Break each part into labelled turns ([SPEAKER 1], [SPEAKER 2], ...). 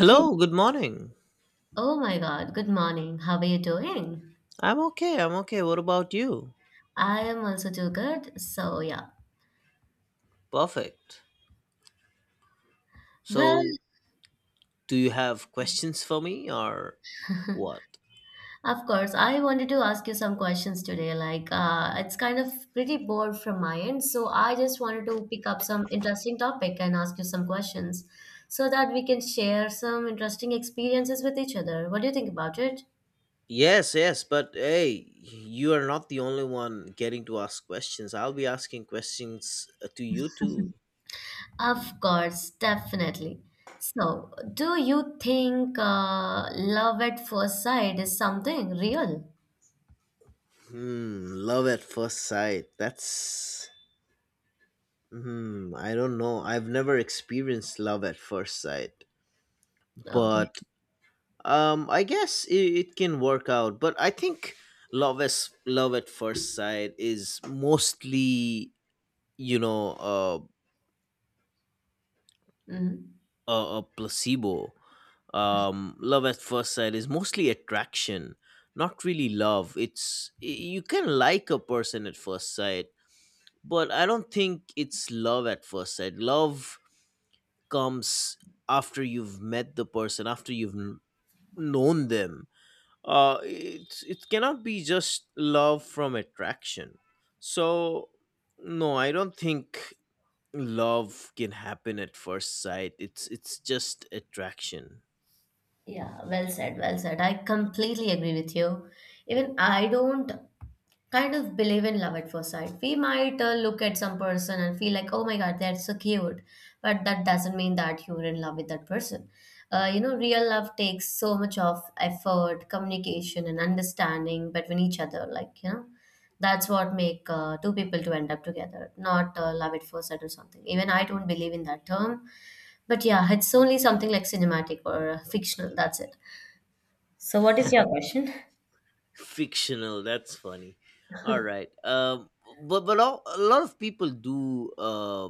[SPEAKER 1] Hey,
[SPEAKER 2] good morning.
[SPEAKER 1] oh my God, good morning. How are you doing?
[SPEAKER 2] I'm okay, I'm okay. What about you?
[SPEAKER 1] I am also too good. So, yeah.
[SPEAKER 2] Perfect.
[SPEAKER 1] Well,
[SPEAKER 2] So, do you have questions for me or what?
[SPEAKER 1] of course, I wanted to ask you some questions today. Like, it's kind of pretty bored from my end. So, I just wanted to pick up some interesting topic and ask you some questions so that we can share some interesting experiences with each other. What do you think about it?
[SPEAKER 2] Yes, yes, but hey, you are not the only one getting to ask questions. I'll be asking questions to you too.
[SPEAKER 1] Of course, definitely. So, do you think love at first sight is something real?
[SPEAKER 2] Hmm, love at first sight. That's. Hmm, I don't know. I've never experienced love at first sight.
[SPEAKER 1] Okay.
[SPEAKER 2] But I guess it can work out, but I think love at first sight is mostly you know
[SPEAKER 1] Mm,
[SPEAKER 2] a placebo. Love at first sight is mostly attraction, not really love. You can like a person at first sight, but I don't think it's love at first sight. Love comes after you've met the person, after you've known them, it's it cannot be just love from attraction. So no, I don't think love can happen at first sight. It's just attraction.
[SPEAKER 1] yeah, well said, well said. I completely agree with you. Even I don't kind of believe in love at first sight. We might look at some person and feel like, oh my God, they're so cute. But that doesn't mean that you're in love with that person. Real love takes so much of effort, communication, and understanding between each other. Like, you know, that's what make two people to end up together, not love at first sight or something. Even I don't believe in that term. But yeah, it's only something like cinematic or fictional. That's it. So, what is your question?
[SPEAKER 2] Fictional, that's funny. All right, but all, a lot of people do,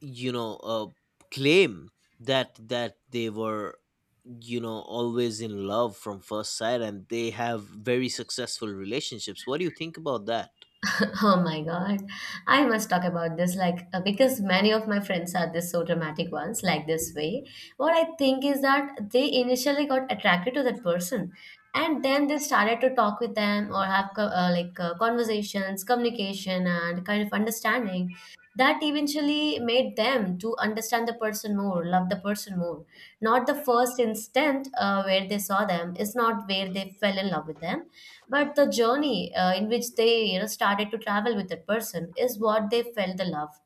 [SPEAKER 2] you know uh claim that they were, you know, always in love from first sight, and they have very successful relationships. What do you think about that?
[SPEAKER 1] Oh my God. I must talk about this like because many of my friends are this so dramatic ones like this way. What I think is that they initially got attracted to that person and then they started to talk with them or have conversations, communication and kind of understanding that eventually made them to understand the person more, love the person more. Not the first instant where they saw them is not where they fell in love with them, but the journey in which they, you know, started to travel with that person is what they felt the love.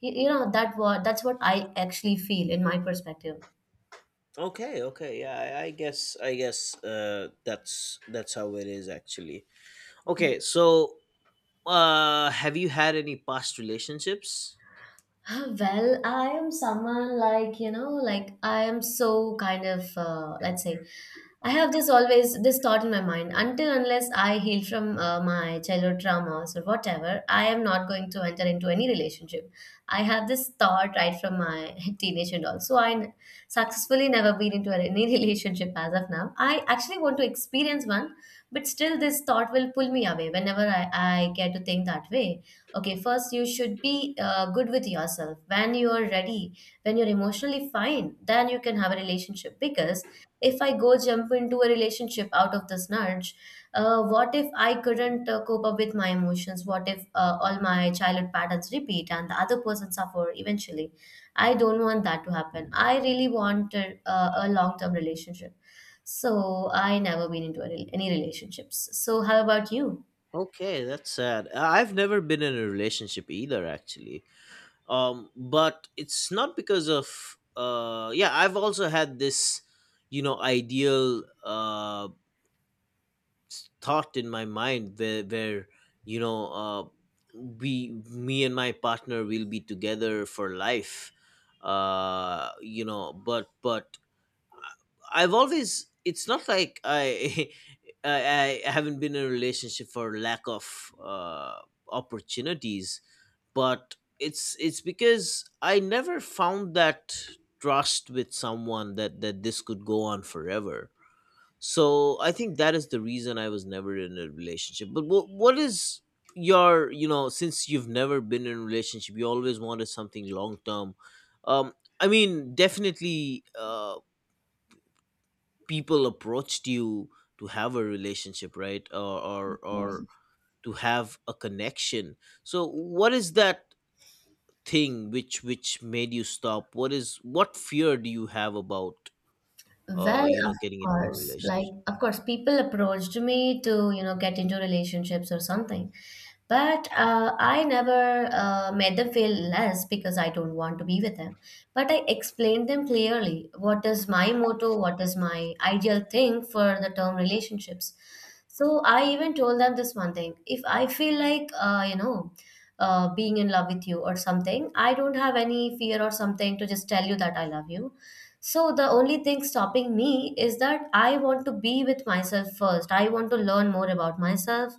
[SPEAKER 1] You know that, what that's what I actually feel in my perspective.
[SPEAKER 2] Okay, okay, yeah, I guess, that's how it is actually. Okay, so, have you had any past relationships?
[SPEAKER 1] Well, I am someone like, you know, like I am so kind of, let's say, I have this always, this thought in my mind until unless I heal from my childhood traumas or whatever, I am not going to enter into any relationship. I have this thought right from my teenage and all. So I n- successfully never been into any relationship as of now. I actually want to experience one, but still this thought will pull me away whenever I get to think that way. Okay, first you should be good with yourself. When you are ready, when you're emotionally fine, then you can have a relationship. Because if I go jump into a relationship out of this nudge, what if I couldn't cope up with my emotions? What if all my childhood patterns repeat and the other person suffer eventually? I don't want that to happen. I really want a long-term relationship. So I never been into a, any relationships. So how about you?
[SPEAKER 2] Okay, that's sad. I've never been in a relationship either, actually. But it's not because of, yeah, I've also had this, you know, ideal, thought in my mind where you know uh, we, me and my partner, will be together for life, you know but I've always, it's not like I I haven't been in a relationship for lack of opportunities, but it's because I never found that trust with someone, that that this could go on forever. So I think that is the reason I was never in a relationship. But what is your, you know, since you've never been in a relationship, you always wanted something long term. Um, I mean, definitely, people approached you to have a relationship, right? Or to have a connection. So what is that thing which made you stop? What is, what fear do you have about
[SPEAKER 1] Well, of
[SPEAKER 2] getting into a
[SPEAKER 1] course, like
[SPEAKER 2] relationship?
[SPEAKER 1] of course, people approached me to, you know, get into relationships or something. But I never made them feel less because I don't want to be with them. But I explained them clearly what is my motto, what is my ideal thing for the term relationships. So I even told them this one thing. If I feel like, being in love with you or something, I don't have any fear or something to just tell you that I love you. So the only thing stopping me is that I want to be with myself first. I want to learn more about myself.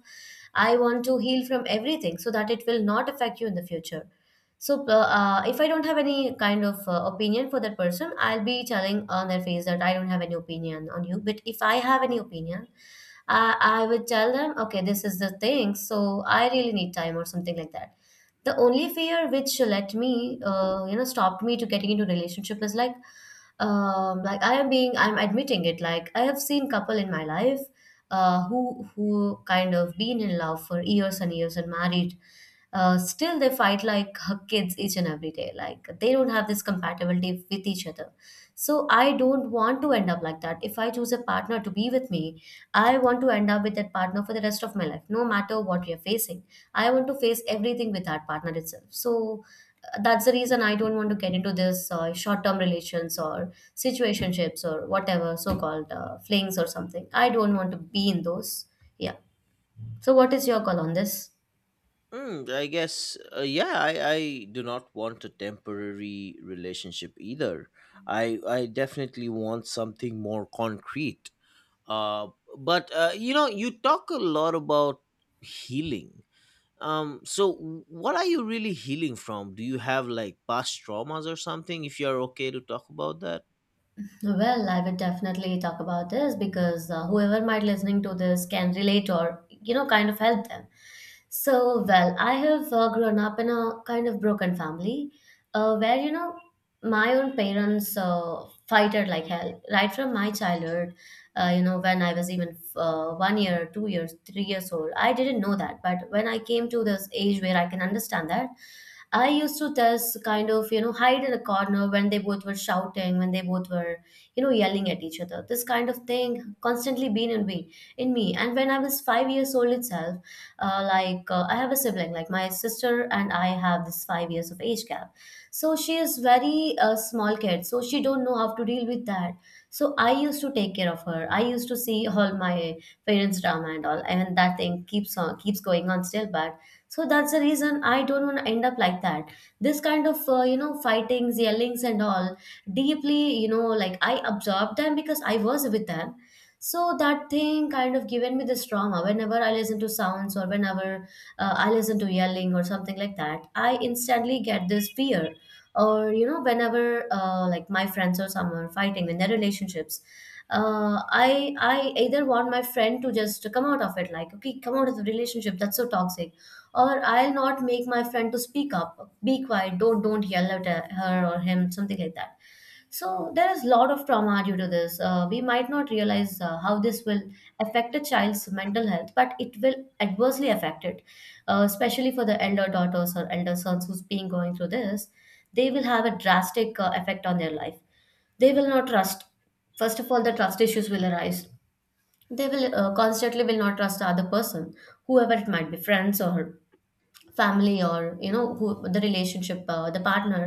[SPEAKER 1] I want to heal from everything so that it will not affect you in the future. So if I don't have any kind of opinion for that person, I'll be telling on their face that I don't have any opinion on you. But if I have any opinion, I would tell them, okay, this is the thing. So I really need time or something like that. The only fear which let me, stopped me to getting into relationship is like I am being, I'm admitting it. Like I have seen couple in my life who kind of been in love for years and years and married. Still, they fight like kids each and every day. Like they don't have this compatibility with each other, so I don't want to end up like that. If I choose a partner to be with me, I want to end up with that partner for the rest of my life, no matter what we are facing. I want to face everything with that partner itself. So that's the reason I don't want to get into this short-term relations or situationships or whatever so-called flings or something. I don't want to be in those. Yeah. So what is your call on this?
[SPEAKER 2] Mm, I guess, yeah, I do not want a temporary relationship either. I definitely want something more concrete. Uh, but, you know, you talk a lot about healing. So, what are you really healing from? Do you have like past traumas or something, if you're okay to talk about that?
[SPEAKER 1] Well, I would definitely talk about this because whoever might listening to this can relate or, you know, kind of help them. So, well, I have grown up in a kind of broken family, where, you know, my own parents fighted like hell right from my childhood. You know, when I was even 1 year, 2 years, 3 years old, I didn't know that. But when I came to this age where I can understand that, I used to just kind of, you know, hide in a corner when they both were shouting, when they both were, you know, yelling at each other. This kind of thing constantly been in me. And when I was 5 years old itself, I have a sibling, like my sister, and I have this 5 years of age gap. So she is very small kid, so she don't know how to deal with that. So I used to take care of her. I used to see all my parents drama and all, I mean that thing keeps on keeps going on still. But so that's the reason I don't want to end up like that. This kind of, fightings, yellings and all deeply, you know, like I absorbed them because I was with them. So that thing kind of given me this trauma. Whenever I listen to sounds or whenever I listen to yelling or something like that, I instantly get this fear, or, you know, whenever like my friends or someone are fighting in their relationships, I either want my friend to just come out of it, like okay, come out of the relationship that's so toxic, or I'll not make my friend to speak up, be quiet, don't yell at her or him, something like that. So there is a lot of trauma due to this. We might not realize how this will affect a child's mental health, but it will adversely affect it, especially for the elder daughters or elder sons who's been going through this. They will have a drastic effect on their life. They will not trust. First of all, the trust issues will arise. They will constantly will not trust the other person, whoever it might be, friends or family or, you know, who the relationship, the partner.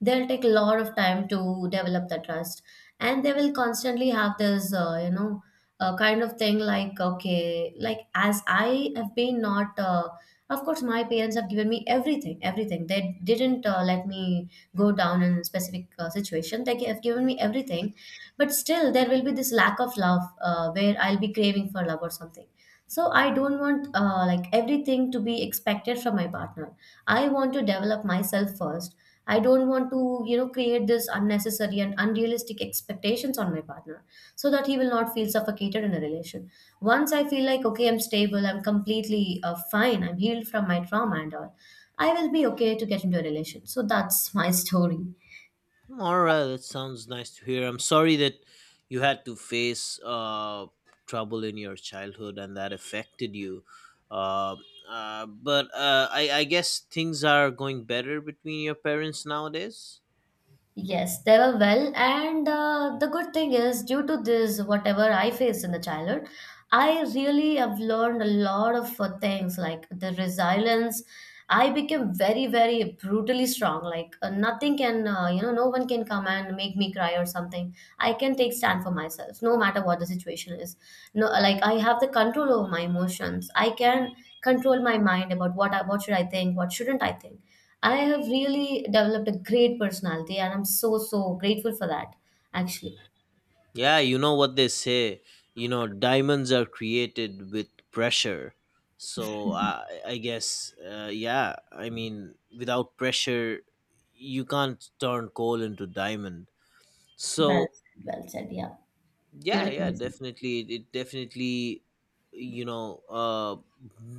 [SPEAKER 1] They'll take a lot of time to develop the trust, and they will constantly have this, kind of thing like, okay, like as I have been not of course, my parents have given me everything, everything. They didn't let me go down in a specific situation. They have given me everything, but still there will be this lack of love, where I'll be craving for love or something. So I don't want like everything to be expected from my partner. I want to develop myself first. I don't want to, you know, create this unnecessary and unrealistic expectations on my partner, so that he will not feel suffocated in a relation. Once I feel like, okay, I'm stable, I'm completely fine, I'm healed from my trauma and all, I will be okay to get into a relation. So that's my story.
[SPEAKER 2] All right, that sounds nice to hear. I'm sorry that you had to face trouble in your childhood, and that affected you. Uh, but I guess things are going better between your parents nowadays.
[SPEAKER 1] Yes, they were well. And the good thing is, due to this, whatever I faced in the childhood, I really have learned a lot of things like the resilience. I became very, very brutally strong. Like nothing can, no one can come and make me cry or something. I can take stand for myself, no matter what the situation is. No, like I have the control over my emotions. I can control my mind about what should I think, what shouldn't I think. I have really developed a great personality and I'm so grateful for that actually.
[SPEAKER 2] Yeah, you know what they say. You know, diamonds are created with pressure. So I guess, yeah, I mean, without pressure, you can't turn coal into diamond.
[SPEAKER 1] Well
[SPEAKER 2] So
[SPEAKER 1] said, well said, yeah.
[SPEAKER 2] yeah,
[SPEAKER 1] Beautiful.
[SPEAKER 2] yeah, definitely it definitely, you know,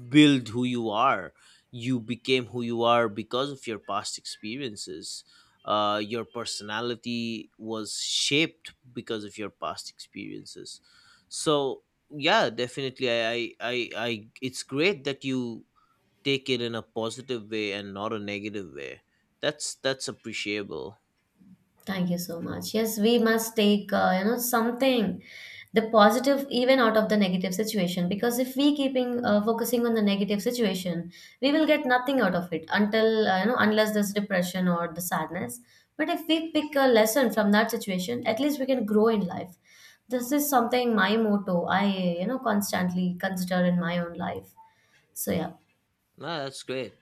[SPEAKER 2] build who you are. You became who you are because of your past experiences. Your personality was shaped because of your past experiences. So yeah, definitely I, it's great that you take it in a positive way and not a negative way. That's appreciable.
[SPEAKER 1] Thank you so much. Yes, we must take something, the positive even out of the negative situation. Because if we keeping focusing on the negative situation, we will get nothing out of it until unless there's depression or the sadness. But if we pick a lesson from that situation, at least we can grow in life. This is something my motto. I constantly consider in my own life. So yeah.
[SPEAKER 2] No, that's great.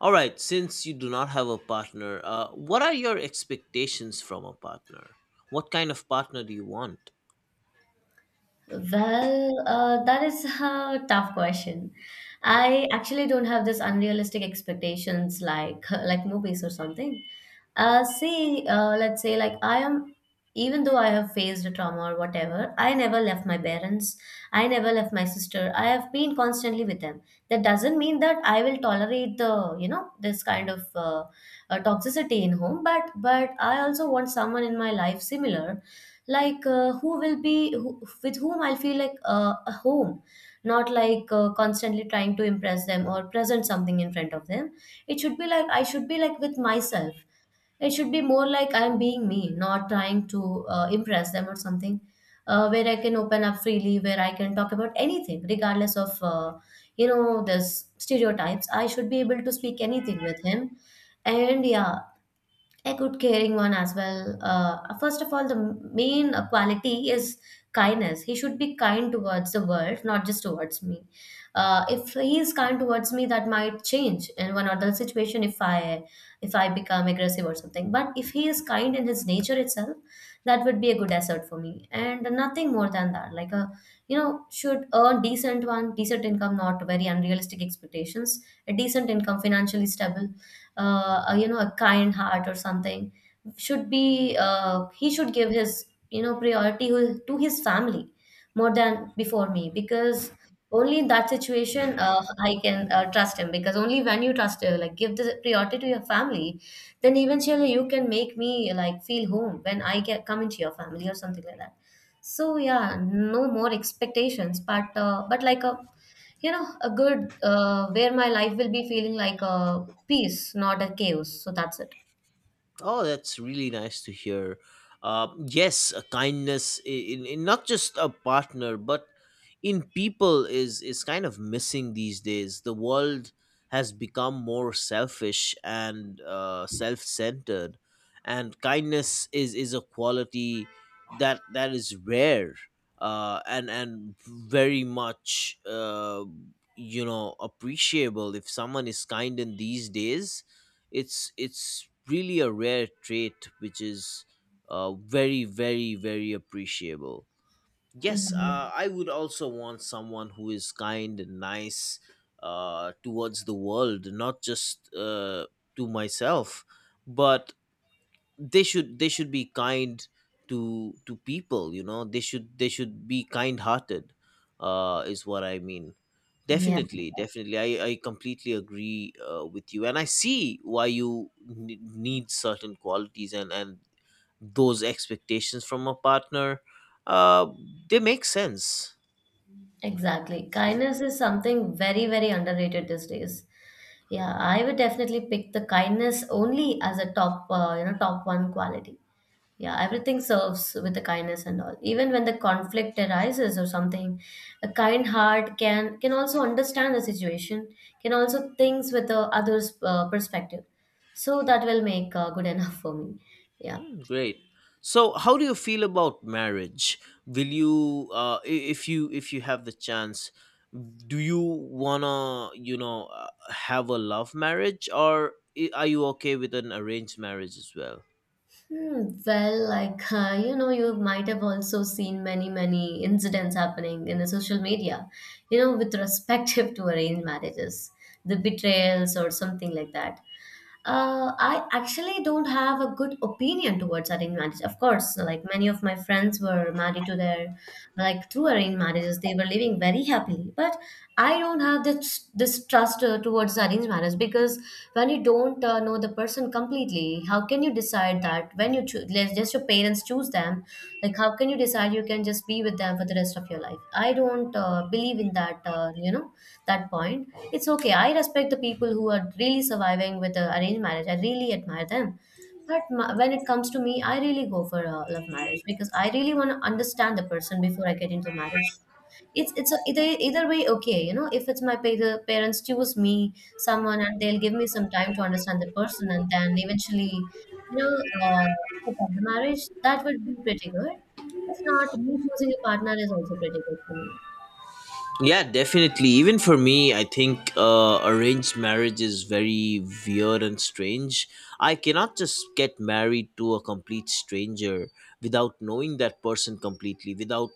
[SPEAKER 2] All right, since you do not have a partner, what are your expectations from a partner? What kind of partner do you want?
[SPEAKER 1] Well, that is a tough question. I actually don't have this unrealistic expectations like like movies or something. Let's say like I am, even though I have faced a trauma or whatever, I never left my parents. I never left my sister. I have been constantly with them. That doesn't mean that I will tolerate this kind of toxicity in home. But I also want someone in my life similar like who will be who, with whom I'll feel like a home, not like constantly trying to impress them or present something in front of them. It should be like I should be like with myself. It should be more like I'm being me, not trying to impress them or something, where I can open up freely, where I can talk about anything regardless of this stereotypes. I should be able to speak anything with him. And yeah, a good caring one as well. First of all, the main quality is kindness. He should be kind towards the world, not just towards me. If he is kind towards me, that might change in one other situation if I become aggressive or something. But if he is kind in his nature itself, that would be a good asset for me, and nothing more than that. Like a, should earn decent income, not very unrealistic expectations, a decent income, financially stable, a, you know a kind heart or something. Should be he should give his priority to his family more than before me, because only in that situation I can trust him. Because only when you trust him, like give the priority to your family, then eventually you can make me like feel home when I get come into your family or something like that. So yeah, no more expectations, but like a, a good, where my life will be feeling like a peace, not a chaos. So that's it.
[SPEAKER 2] Oh, that's really nice to hear. Yes, kindness in not just a partner, but in people is kind of missing these days. The world has become more selfish and self centered, and kindness is a quality that is rare, and very much, you know, appreciable. If someone is kind in these days, it's really a rare trait which is, very, very, very appreciable. Yes,
[SPEAKER 1] Mhm.
[SPEAKER 2] I would also want someone who is kind and nice towards the world, not just to myself, but they should, be kind to people. You know, they should be kind hearted is what I mean.
[SPEAKER 1] Yeah.
[SPEAKER 2] Definitely, definitely, I completely agree with you, and I see why you need certain qualities, and those expectations from a partner, uh they make sense.
[SPEAKER 1] Exactly. Kindness is something very, very underrated these days. Yeah, I would definitely pick the kindness only as a top, top one quality. Yeah, everything serves with the kindness and all. Even when the conflict arises or something, a kind heart can also understand the situation, can also thinks with the other's perspective. So that will make good enough for me. Yeah.
[SPEAKER 2] Great. So, how do you feel about marriage? Will you, if you if you have the chance, do you wanna, you know, have a love marriage, or are you okay with an arranged marriage as well?
[SPEAKER 1] Hmm, well, like you might have also seen many, many incidents happening in the social media, you know, with respective to arranged marriages, the betrayals or something like that. I actually don't have a good opinion towards arranged marriage. Of course, like many of my friends were married to their, like through arranged marriages, they were living very happily. But I don't have this trust towards arranged marriage, because when you don't know the person completely, how can you decide that when you choose, just your parents choose them, like how can you decide you can just be with them for the rest of your life? I don't believe in that, that point. It's okay, I respect the people who are really surviving with the arranged marriage, I really admire them. But my, when it comes to me, I really go for a love marriage because I really want to understand the person before I get into marriage. It's a, either way okay, you know. If it's my the parents choose me someone and they'll give me some time to understand the person and then eventually, you know, uh, support the marriage, that would be pretty good. If not, me choosing a partner is also pretty good for me.
[SPEAKER 2] Yeah, definitely. Even for me, I think arranged marriage is very weird and strange. I cannot just get married to a complete stranger without knowing that person completely, without,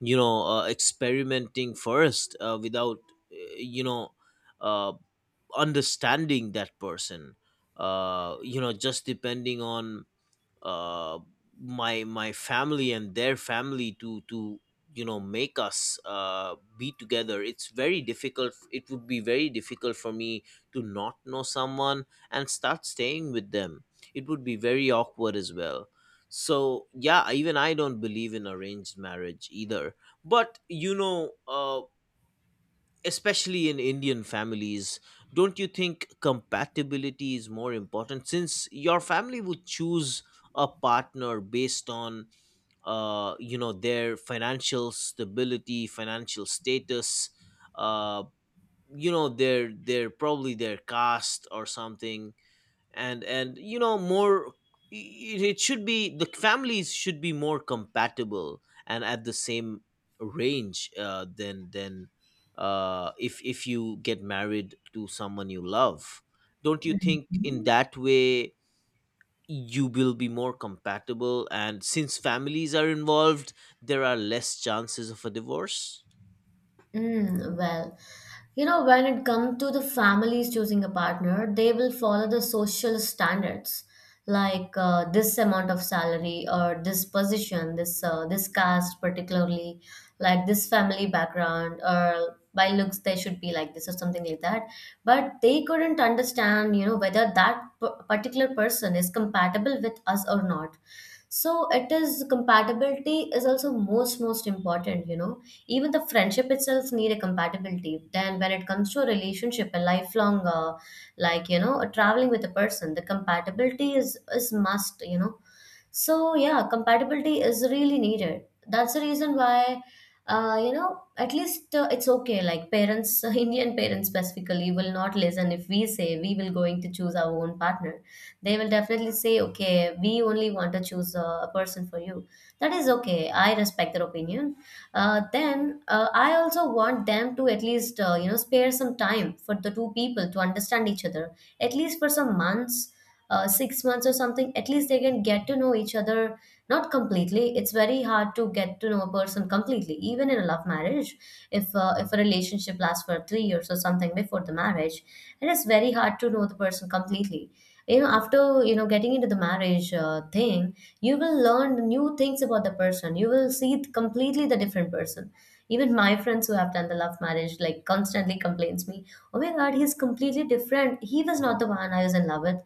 [SPEAKER 2] you know, experimenting first, without, uh, you know, uh, understanding that person. You know, just depending on uh, my family and their family to make us be together, it's very difficult. It would be very difficult for me to not know someone and start staying with them. It would be very awkward as well. So yeah, even I don't believe in arranged marriage either, but you know, especially in Indian families, don't you think compatibility is more important, since your family would choose a partner based on, you know, their financial stability, financial status, uh, you know, their probably their caste or something, and more, it should be, the families should be more compatible and at the same range, than than, if you get married to someone you love. Don't you think in
[SPEAKER 1] Mhm.
[SPEAKER 2] that way you will be more compatible, and since families are involved, there are less chances of a divorce?
[SPEAKER 1] Mm, well, you know, when it comes to the families choosing a partner, they will follow the social standards like this amount of salary or this position, this caste particularly, like this family background or by looks they should be like this or something like that. But they couldn't understand, you know, whether that particular person is compatible with us or not. So it is, compatibility is also most important, you know. Even the friendship itself need a compatibility, then when it comes to a relationship, a lifelong, a traveling with a person, the compatibility is must, you know. So yeah, compatibility is really needed. That's the reason why, at least it's okay. Like parents, Indian parents specifically, will not listen if we say we will going to choose our own partner. They will definitely say, okay, we only want to choose a person for you. That is okay. I respect their opinion. Then I also want them to at least spare some time for the two people to understand each other, at least for some months, six months or something, at least they can get to know each other. Not completely. It's very hard to get to know a person completely, even in a love marriage. If a relationship lasts for three years or something before the marriage, it is very hard to know the person completely. You know, after getting into the marriage thing, you will learn new things about the person. You will see it completely the different person. Even my friends who have done the love marriage like constantly complains me, oh my god, he's completely different. He was not the one I was in love with.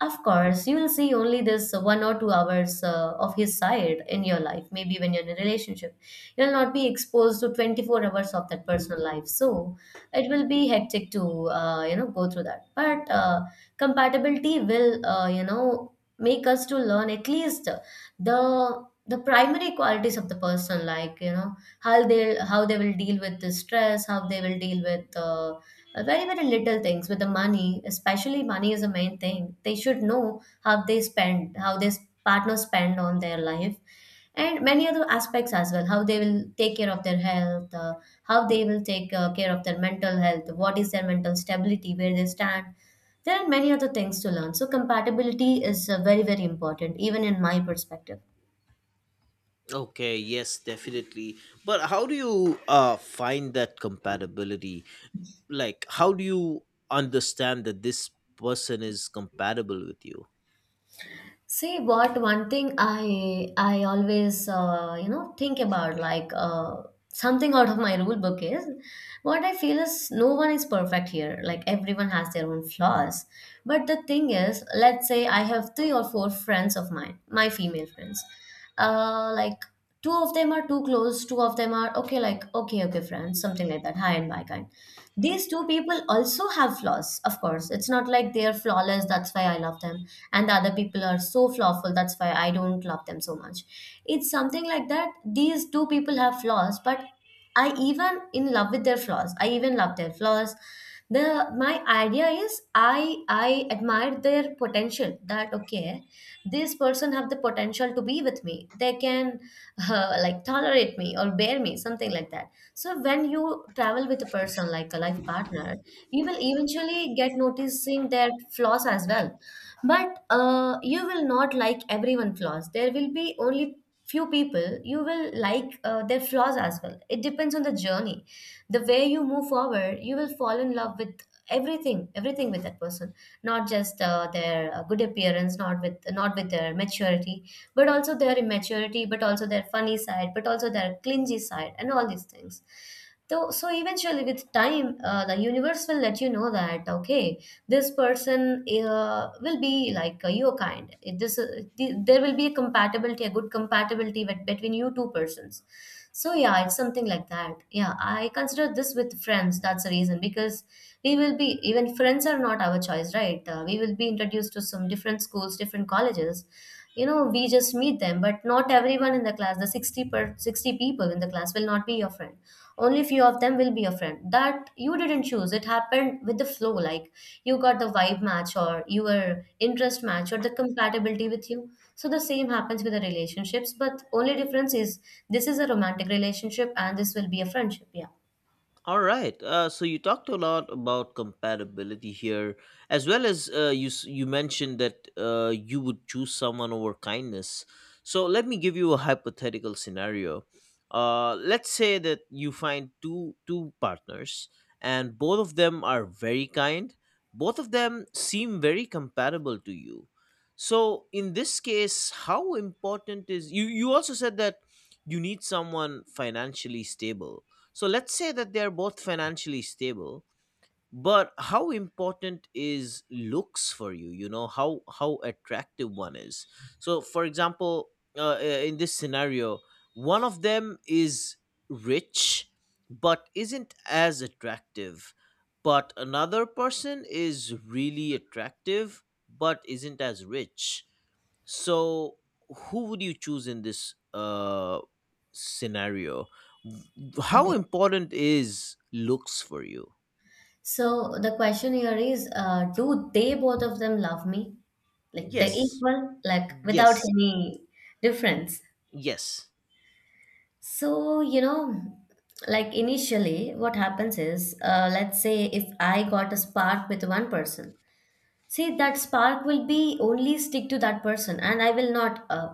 [SPEAKER 1] Of course, you will see only this one or two hours of his side in your life. Maybe when you're in a relationship, you'll not be exposed to 24 hours of that personal life. So it will be hectic to go through that. But compatibility will make us to learn at least the primary qualities of the person, like you know how they will deal with the stress, how they will deal with very very little things, with the money, especially money is the main thing they should know, how they spend, how their partner spend on their life, and many other aspects as well, how they will take care of their health, how they will take care of their mental health, what is their mental stability, where they stand. There are many other things to learn, so compatibility is very very important, even in my perspective.
[SPEAKER 2] Okay, yes, definitely, but how do you find that compatibility? Like how do you understand that this person is compatible with you?
[SPEAKER 1] See, what one thing I always think about, like something out of my rule book, is what I feel is no one is perfect here, like everyone has their own flaws. But the thing is, let's say I have three or four friends of mine, my female friends, uh, like two of them are too close, two of them are okay, like okay okay friends, something like that, hi and bye kind. These two people also have flaws, of course, it's not like they're flawless, that's why I love them. And the other people are so flawful, that's why I don't love them so much. It's something like that. These two people have flaws, but I even in love with their flaws, I even love their flaws. The, my idea is I admire their potential, that okay, this person have the potential to be with me, they can like tolerate me or bear me, something like that. So when you travel with a person like a life partner, you will eventually get noticing their flaws as well. But you will not like everyone flaws, there will be only few people you will like their flaws as well. It depends on the journey, the way you move forward, you will fall in love with everything, everything with that person, not just their good appearance, not with, not with their maturity, but also their immaturity, but also their funny side, but also their clingy side, and all these things. So, so eventually, with time, the universe will let you know that okay, this person will be like your kind. This there will be a compatibility, a good compatibility between you two persons. So yeah, it's something like that. Yeah, I consider this with friends. That's the reason because we will be even friends are not our choice, right? We will be introduced to some different schools, different colleges. You know, we just meet them, but not everyone in the class, the 60 per 60 people in the class will not be your friend, only few of them will be your friend that you didn't choose. It happened with the flow, like you got the vibe match or your interest match or the compatibility with you. So the same happens with the relationships, but only difference is this is a romantic relationship and this will be a friendship. Yeah,
[SPEAKER 2] All right. So you talked a lot about compatibility here, as well as, you you mentioned that you would choose someone over kindness. So let me give you a hypothetical scenario. Let's say that you find two partners, and both of them are very kind. Both of them seem very compatible to you. So in this case, how important is, you? You also said that you need someone financially stable, so let's say that they're both financially stable, but how important is looks for you? You know, how attractive one is. So for example, in this scenario, one of them is rich but isn't as attractive, but another person is really attractive but isn't as rich. So, who would you choose in this scenario? How
[SPEAKER 1] okay,
[SPEAKER 2] important is looks for you?
[SPEAKER 1] so the question here is, do they both of them love me, like they're
[SPEAKER 2] Yes,
[SPEAKER 1] equal, like without
[SPEAKER 2] yes.
[SPEAKER 1] any difference.
[SPEAKER 2] Yes.
[SPEAKER 1] So, you know, like initially, what happens is, let's say if I got a spark with one person. See, that spark will be only stick to that person, and I will not.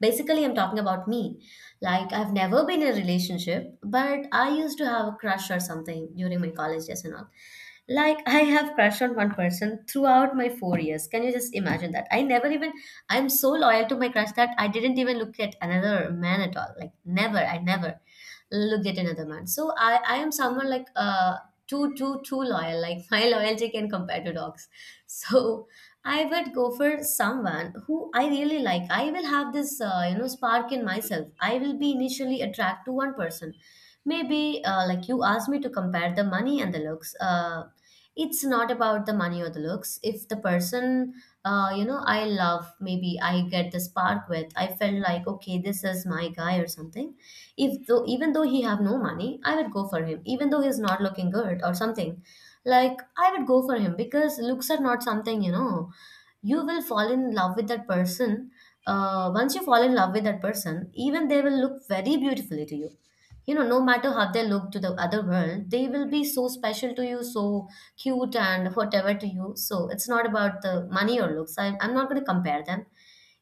[SPEAKER 1] Basically, I'm talking about me. Like, I've never been in a relationship, but I used to have a crush or something during my college days and all. Like, I have crush on one person throughout my 4 years. Can you just imagine that? I never even. I'm so loyal to my crush that I didn't even look at another man at all. Like, never. I never look at another man. So I am someone like uh, too loyal. Like my loyalty can compare to dogs. So I would go for someone who I really like. I will have this, you know, spark in myself. I will be initially attracted to one person. Maybe like you asked me to compare the money and the looks. It's not about the money or the looks. If the person, you know, I love, maybe I get the spark with. I felt like okay, this is my guy or something. If though, even though he have no money, I would go for him. Even though he's not looking good or something, like I would go for him because looks are not something, you know, you will fall in love with that person. Once you fall in love with that person, even they will look very beautifully to you. You know, no matter how they look to the other world, they will be so special to you, so cute and whatever to you. So it's not about the money or looks. I'm not going to compare them.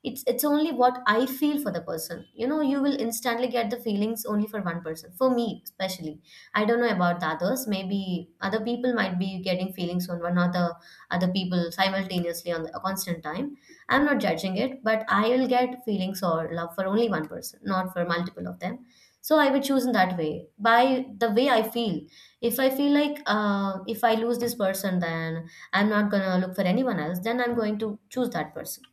[SPEAKER 1] It's only what I feel for the person. You know, you will instantly get the feelings only for one person. For me, especially. I don't know about the others. Maybe other people might be getting feelings on one another other people simultaneously on a constant time. I'm not judging it, but I will get feelings or love for only one person, not for multiple of them. So I would choose in that way by the way I feel. If I feel like if I lose this person, then I'm not gonna look for anyone else. Then I'm going to choose that person.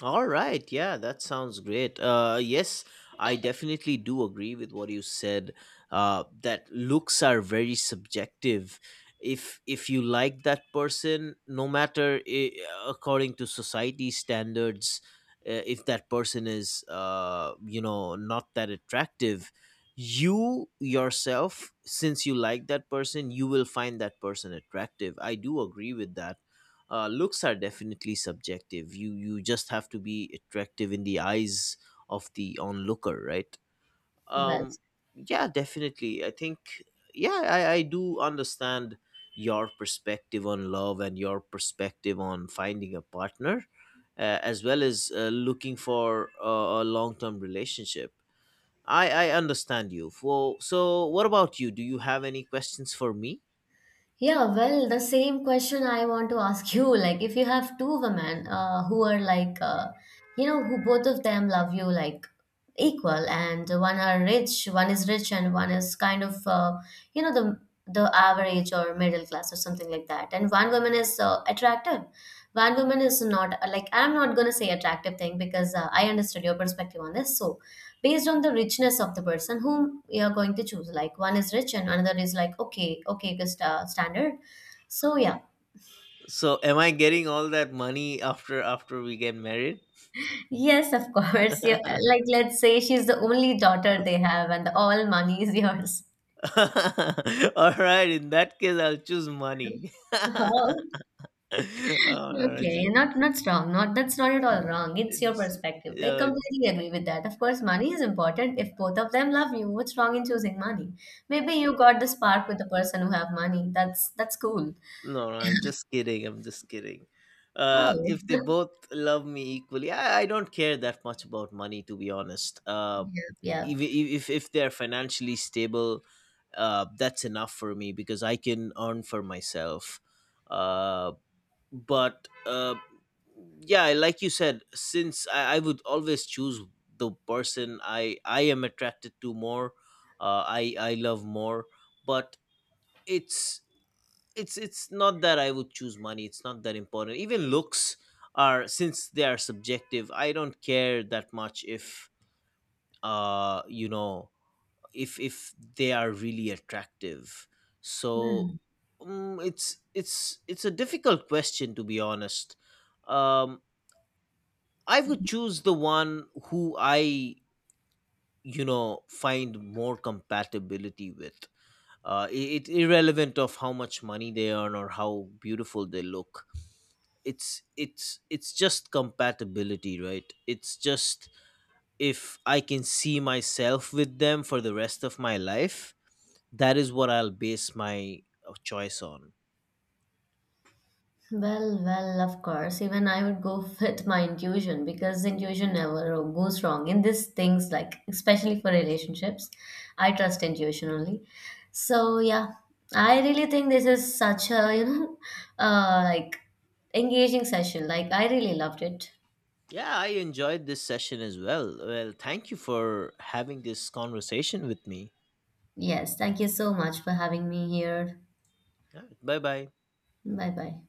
[SPEAKER 2] All right, yeah, that sounds great. Yes, I definitely do agree with what you said. That looks are very subjective. If you like that person, no matter I according to society standards, if that person is, you know, not that attractive, you yourself, since you like that person, you will find that person attractive. I do agree with that. Looks are definitely subjective. You just have to be attractive in the eyes of the onlooker, right?
[SPEAKER 1] Well,
[SPEAKER 2] Um, yeah, definitely. I think, yeah, I do understand your perspective on love and your perspective on finding a partner, as well as looking for a long term relationship. I understand you. Well, so, what about you? Do you have any questions for me?
[SPEAKER 1] yeah, well, the same question I want to ask you. Like, if you have two women who are like, you know, who both of them love you, like equal, and one is rich, and one is kind of, you know, the average or middle class or something like that, and one woman is attractive, one woman is not. Like, I'm not gonna say attractive thing because I understood your perspective on this. So, based on the richness of the person whom you're going to choose. Like one is rich and another is like, okay, okay, good standard. So yeah,
[SPEAKER 2] So, am I getting all that money after we get married?
[SPEAKER 1] yes, of course. Yeah, like let's say she's the only daughter they have, and all money is yours.
[SPEAKER 2] All right, in that case, I'll choose money.
[SPEAKER 1] Oh,
[SPEAKER 2] Uh, j-
[SPEAKER 1] okay. Not not wrong. Not that's not at all wrong. It's your
[SPEAKER 2] j-
[SPEAKER 1] perspective. I
[SPEAKER 2] uh,
[SPEAKER 1] completely agree with that. Of course, money is important if both of them love you. What's wrong in choosing money? Maybe you got the spark with the person who have money. That's cool.
[SPEAKER 2] no, no, I'm just kidding. I'm just kidding.
[SPEAKER 1] Oh,
[SPEAKER 2] If they both love me equally, I don't care that much about money, to be honest.
[SPEAKER 1] yeah,
[SPEAKER 2] If if they're financially stable, that's enough for me because I can earn for myself. Uh, but Yeah, like you said, since I would always choose the person I am attracted to more, I love more. But it's it's not that I would choose money. It's not that important. Even looks, are, since they are subjective, I don't care that much if, uh you know if if they are really attractive. So
[SPEAKER 1] yeah.
[SPEAKER 2] mm, it's it's a difficult question, to be honest. um I would choose the one who I, you know, find more compatibility with. It's irrelevant of how much money they earn or how beautiful they look. It's it's just compatibility, right? It's just, if I can see myself with them for the rest of my life, that is what I'll base my choice on.
[SPEAKER 1] Well, well, of course. Even I would go with my intuition because intuition never goes wrong in these things, like especially for relationships. I trust intuition only. So yeah, I really think this is such a, you know, like engaging session. Like I really loved it.
[SPEAKER 2] Yeah, I enjoyed this session as well. Well, thank you for having this conversation with me.
[SPEAKER 1] Yes, thank you so much for having me here.
[SPEAKER 2] Bye bye.
[SPEAKER 1] Bye bye.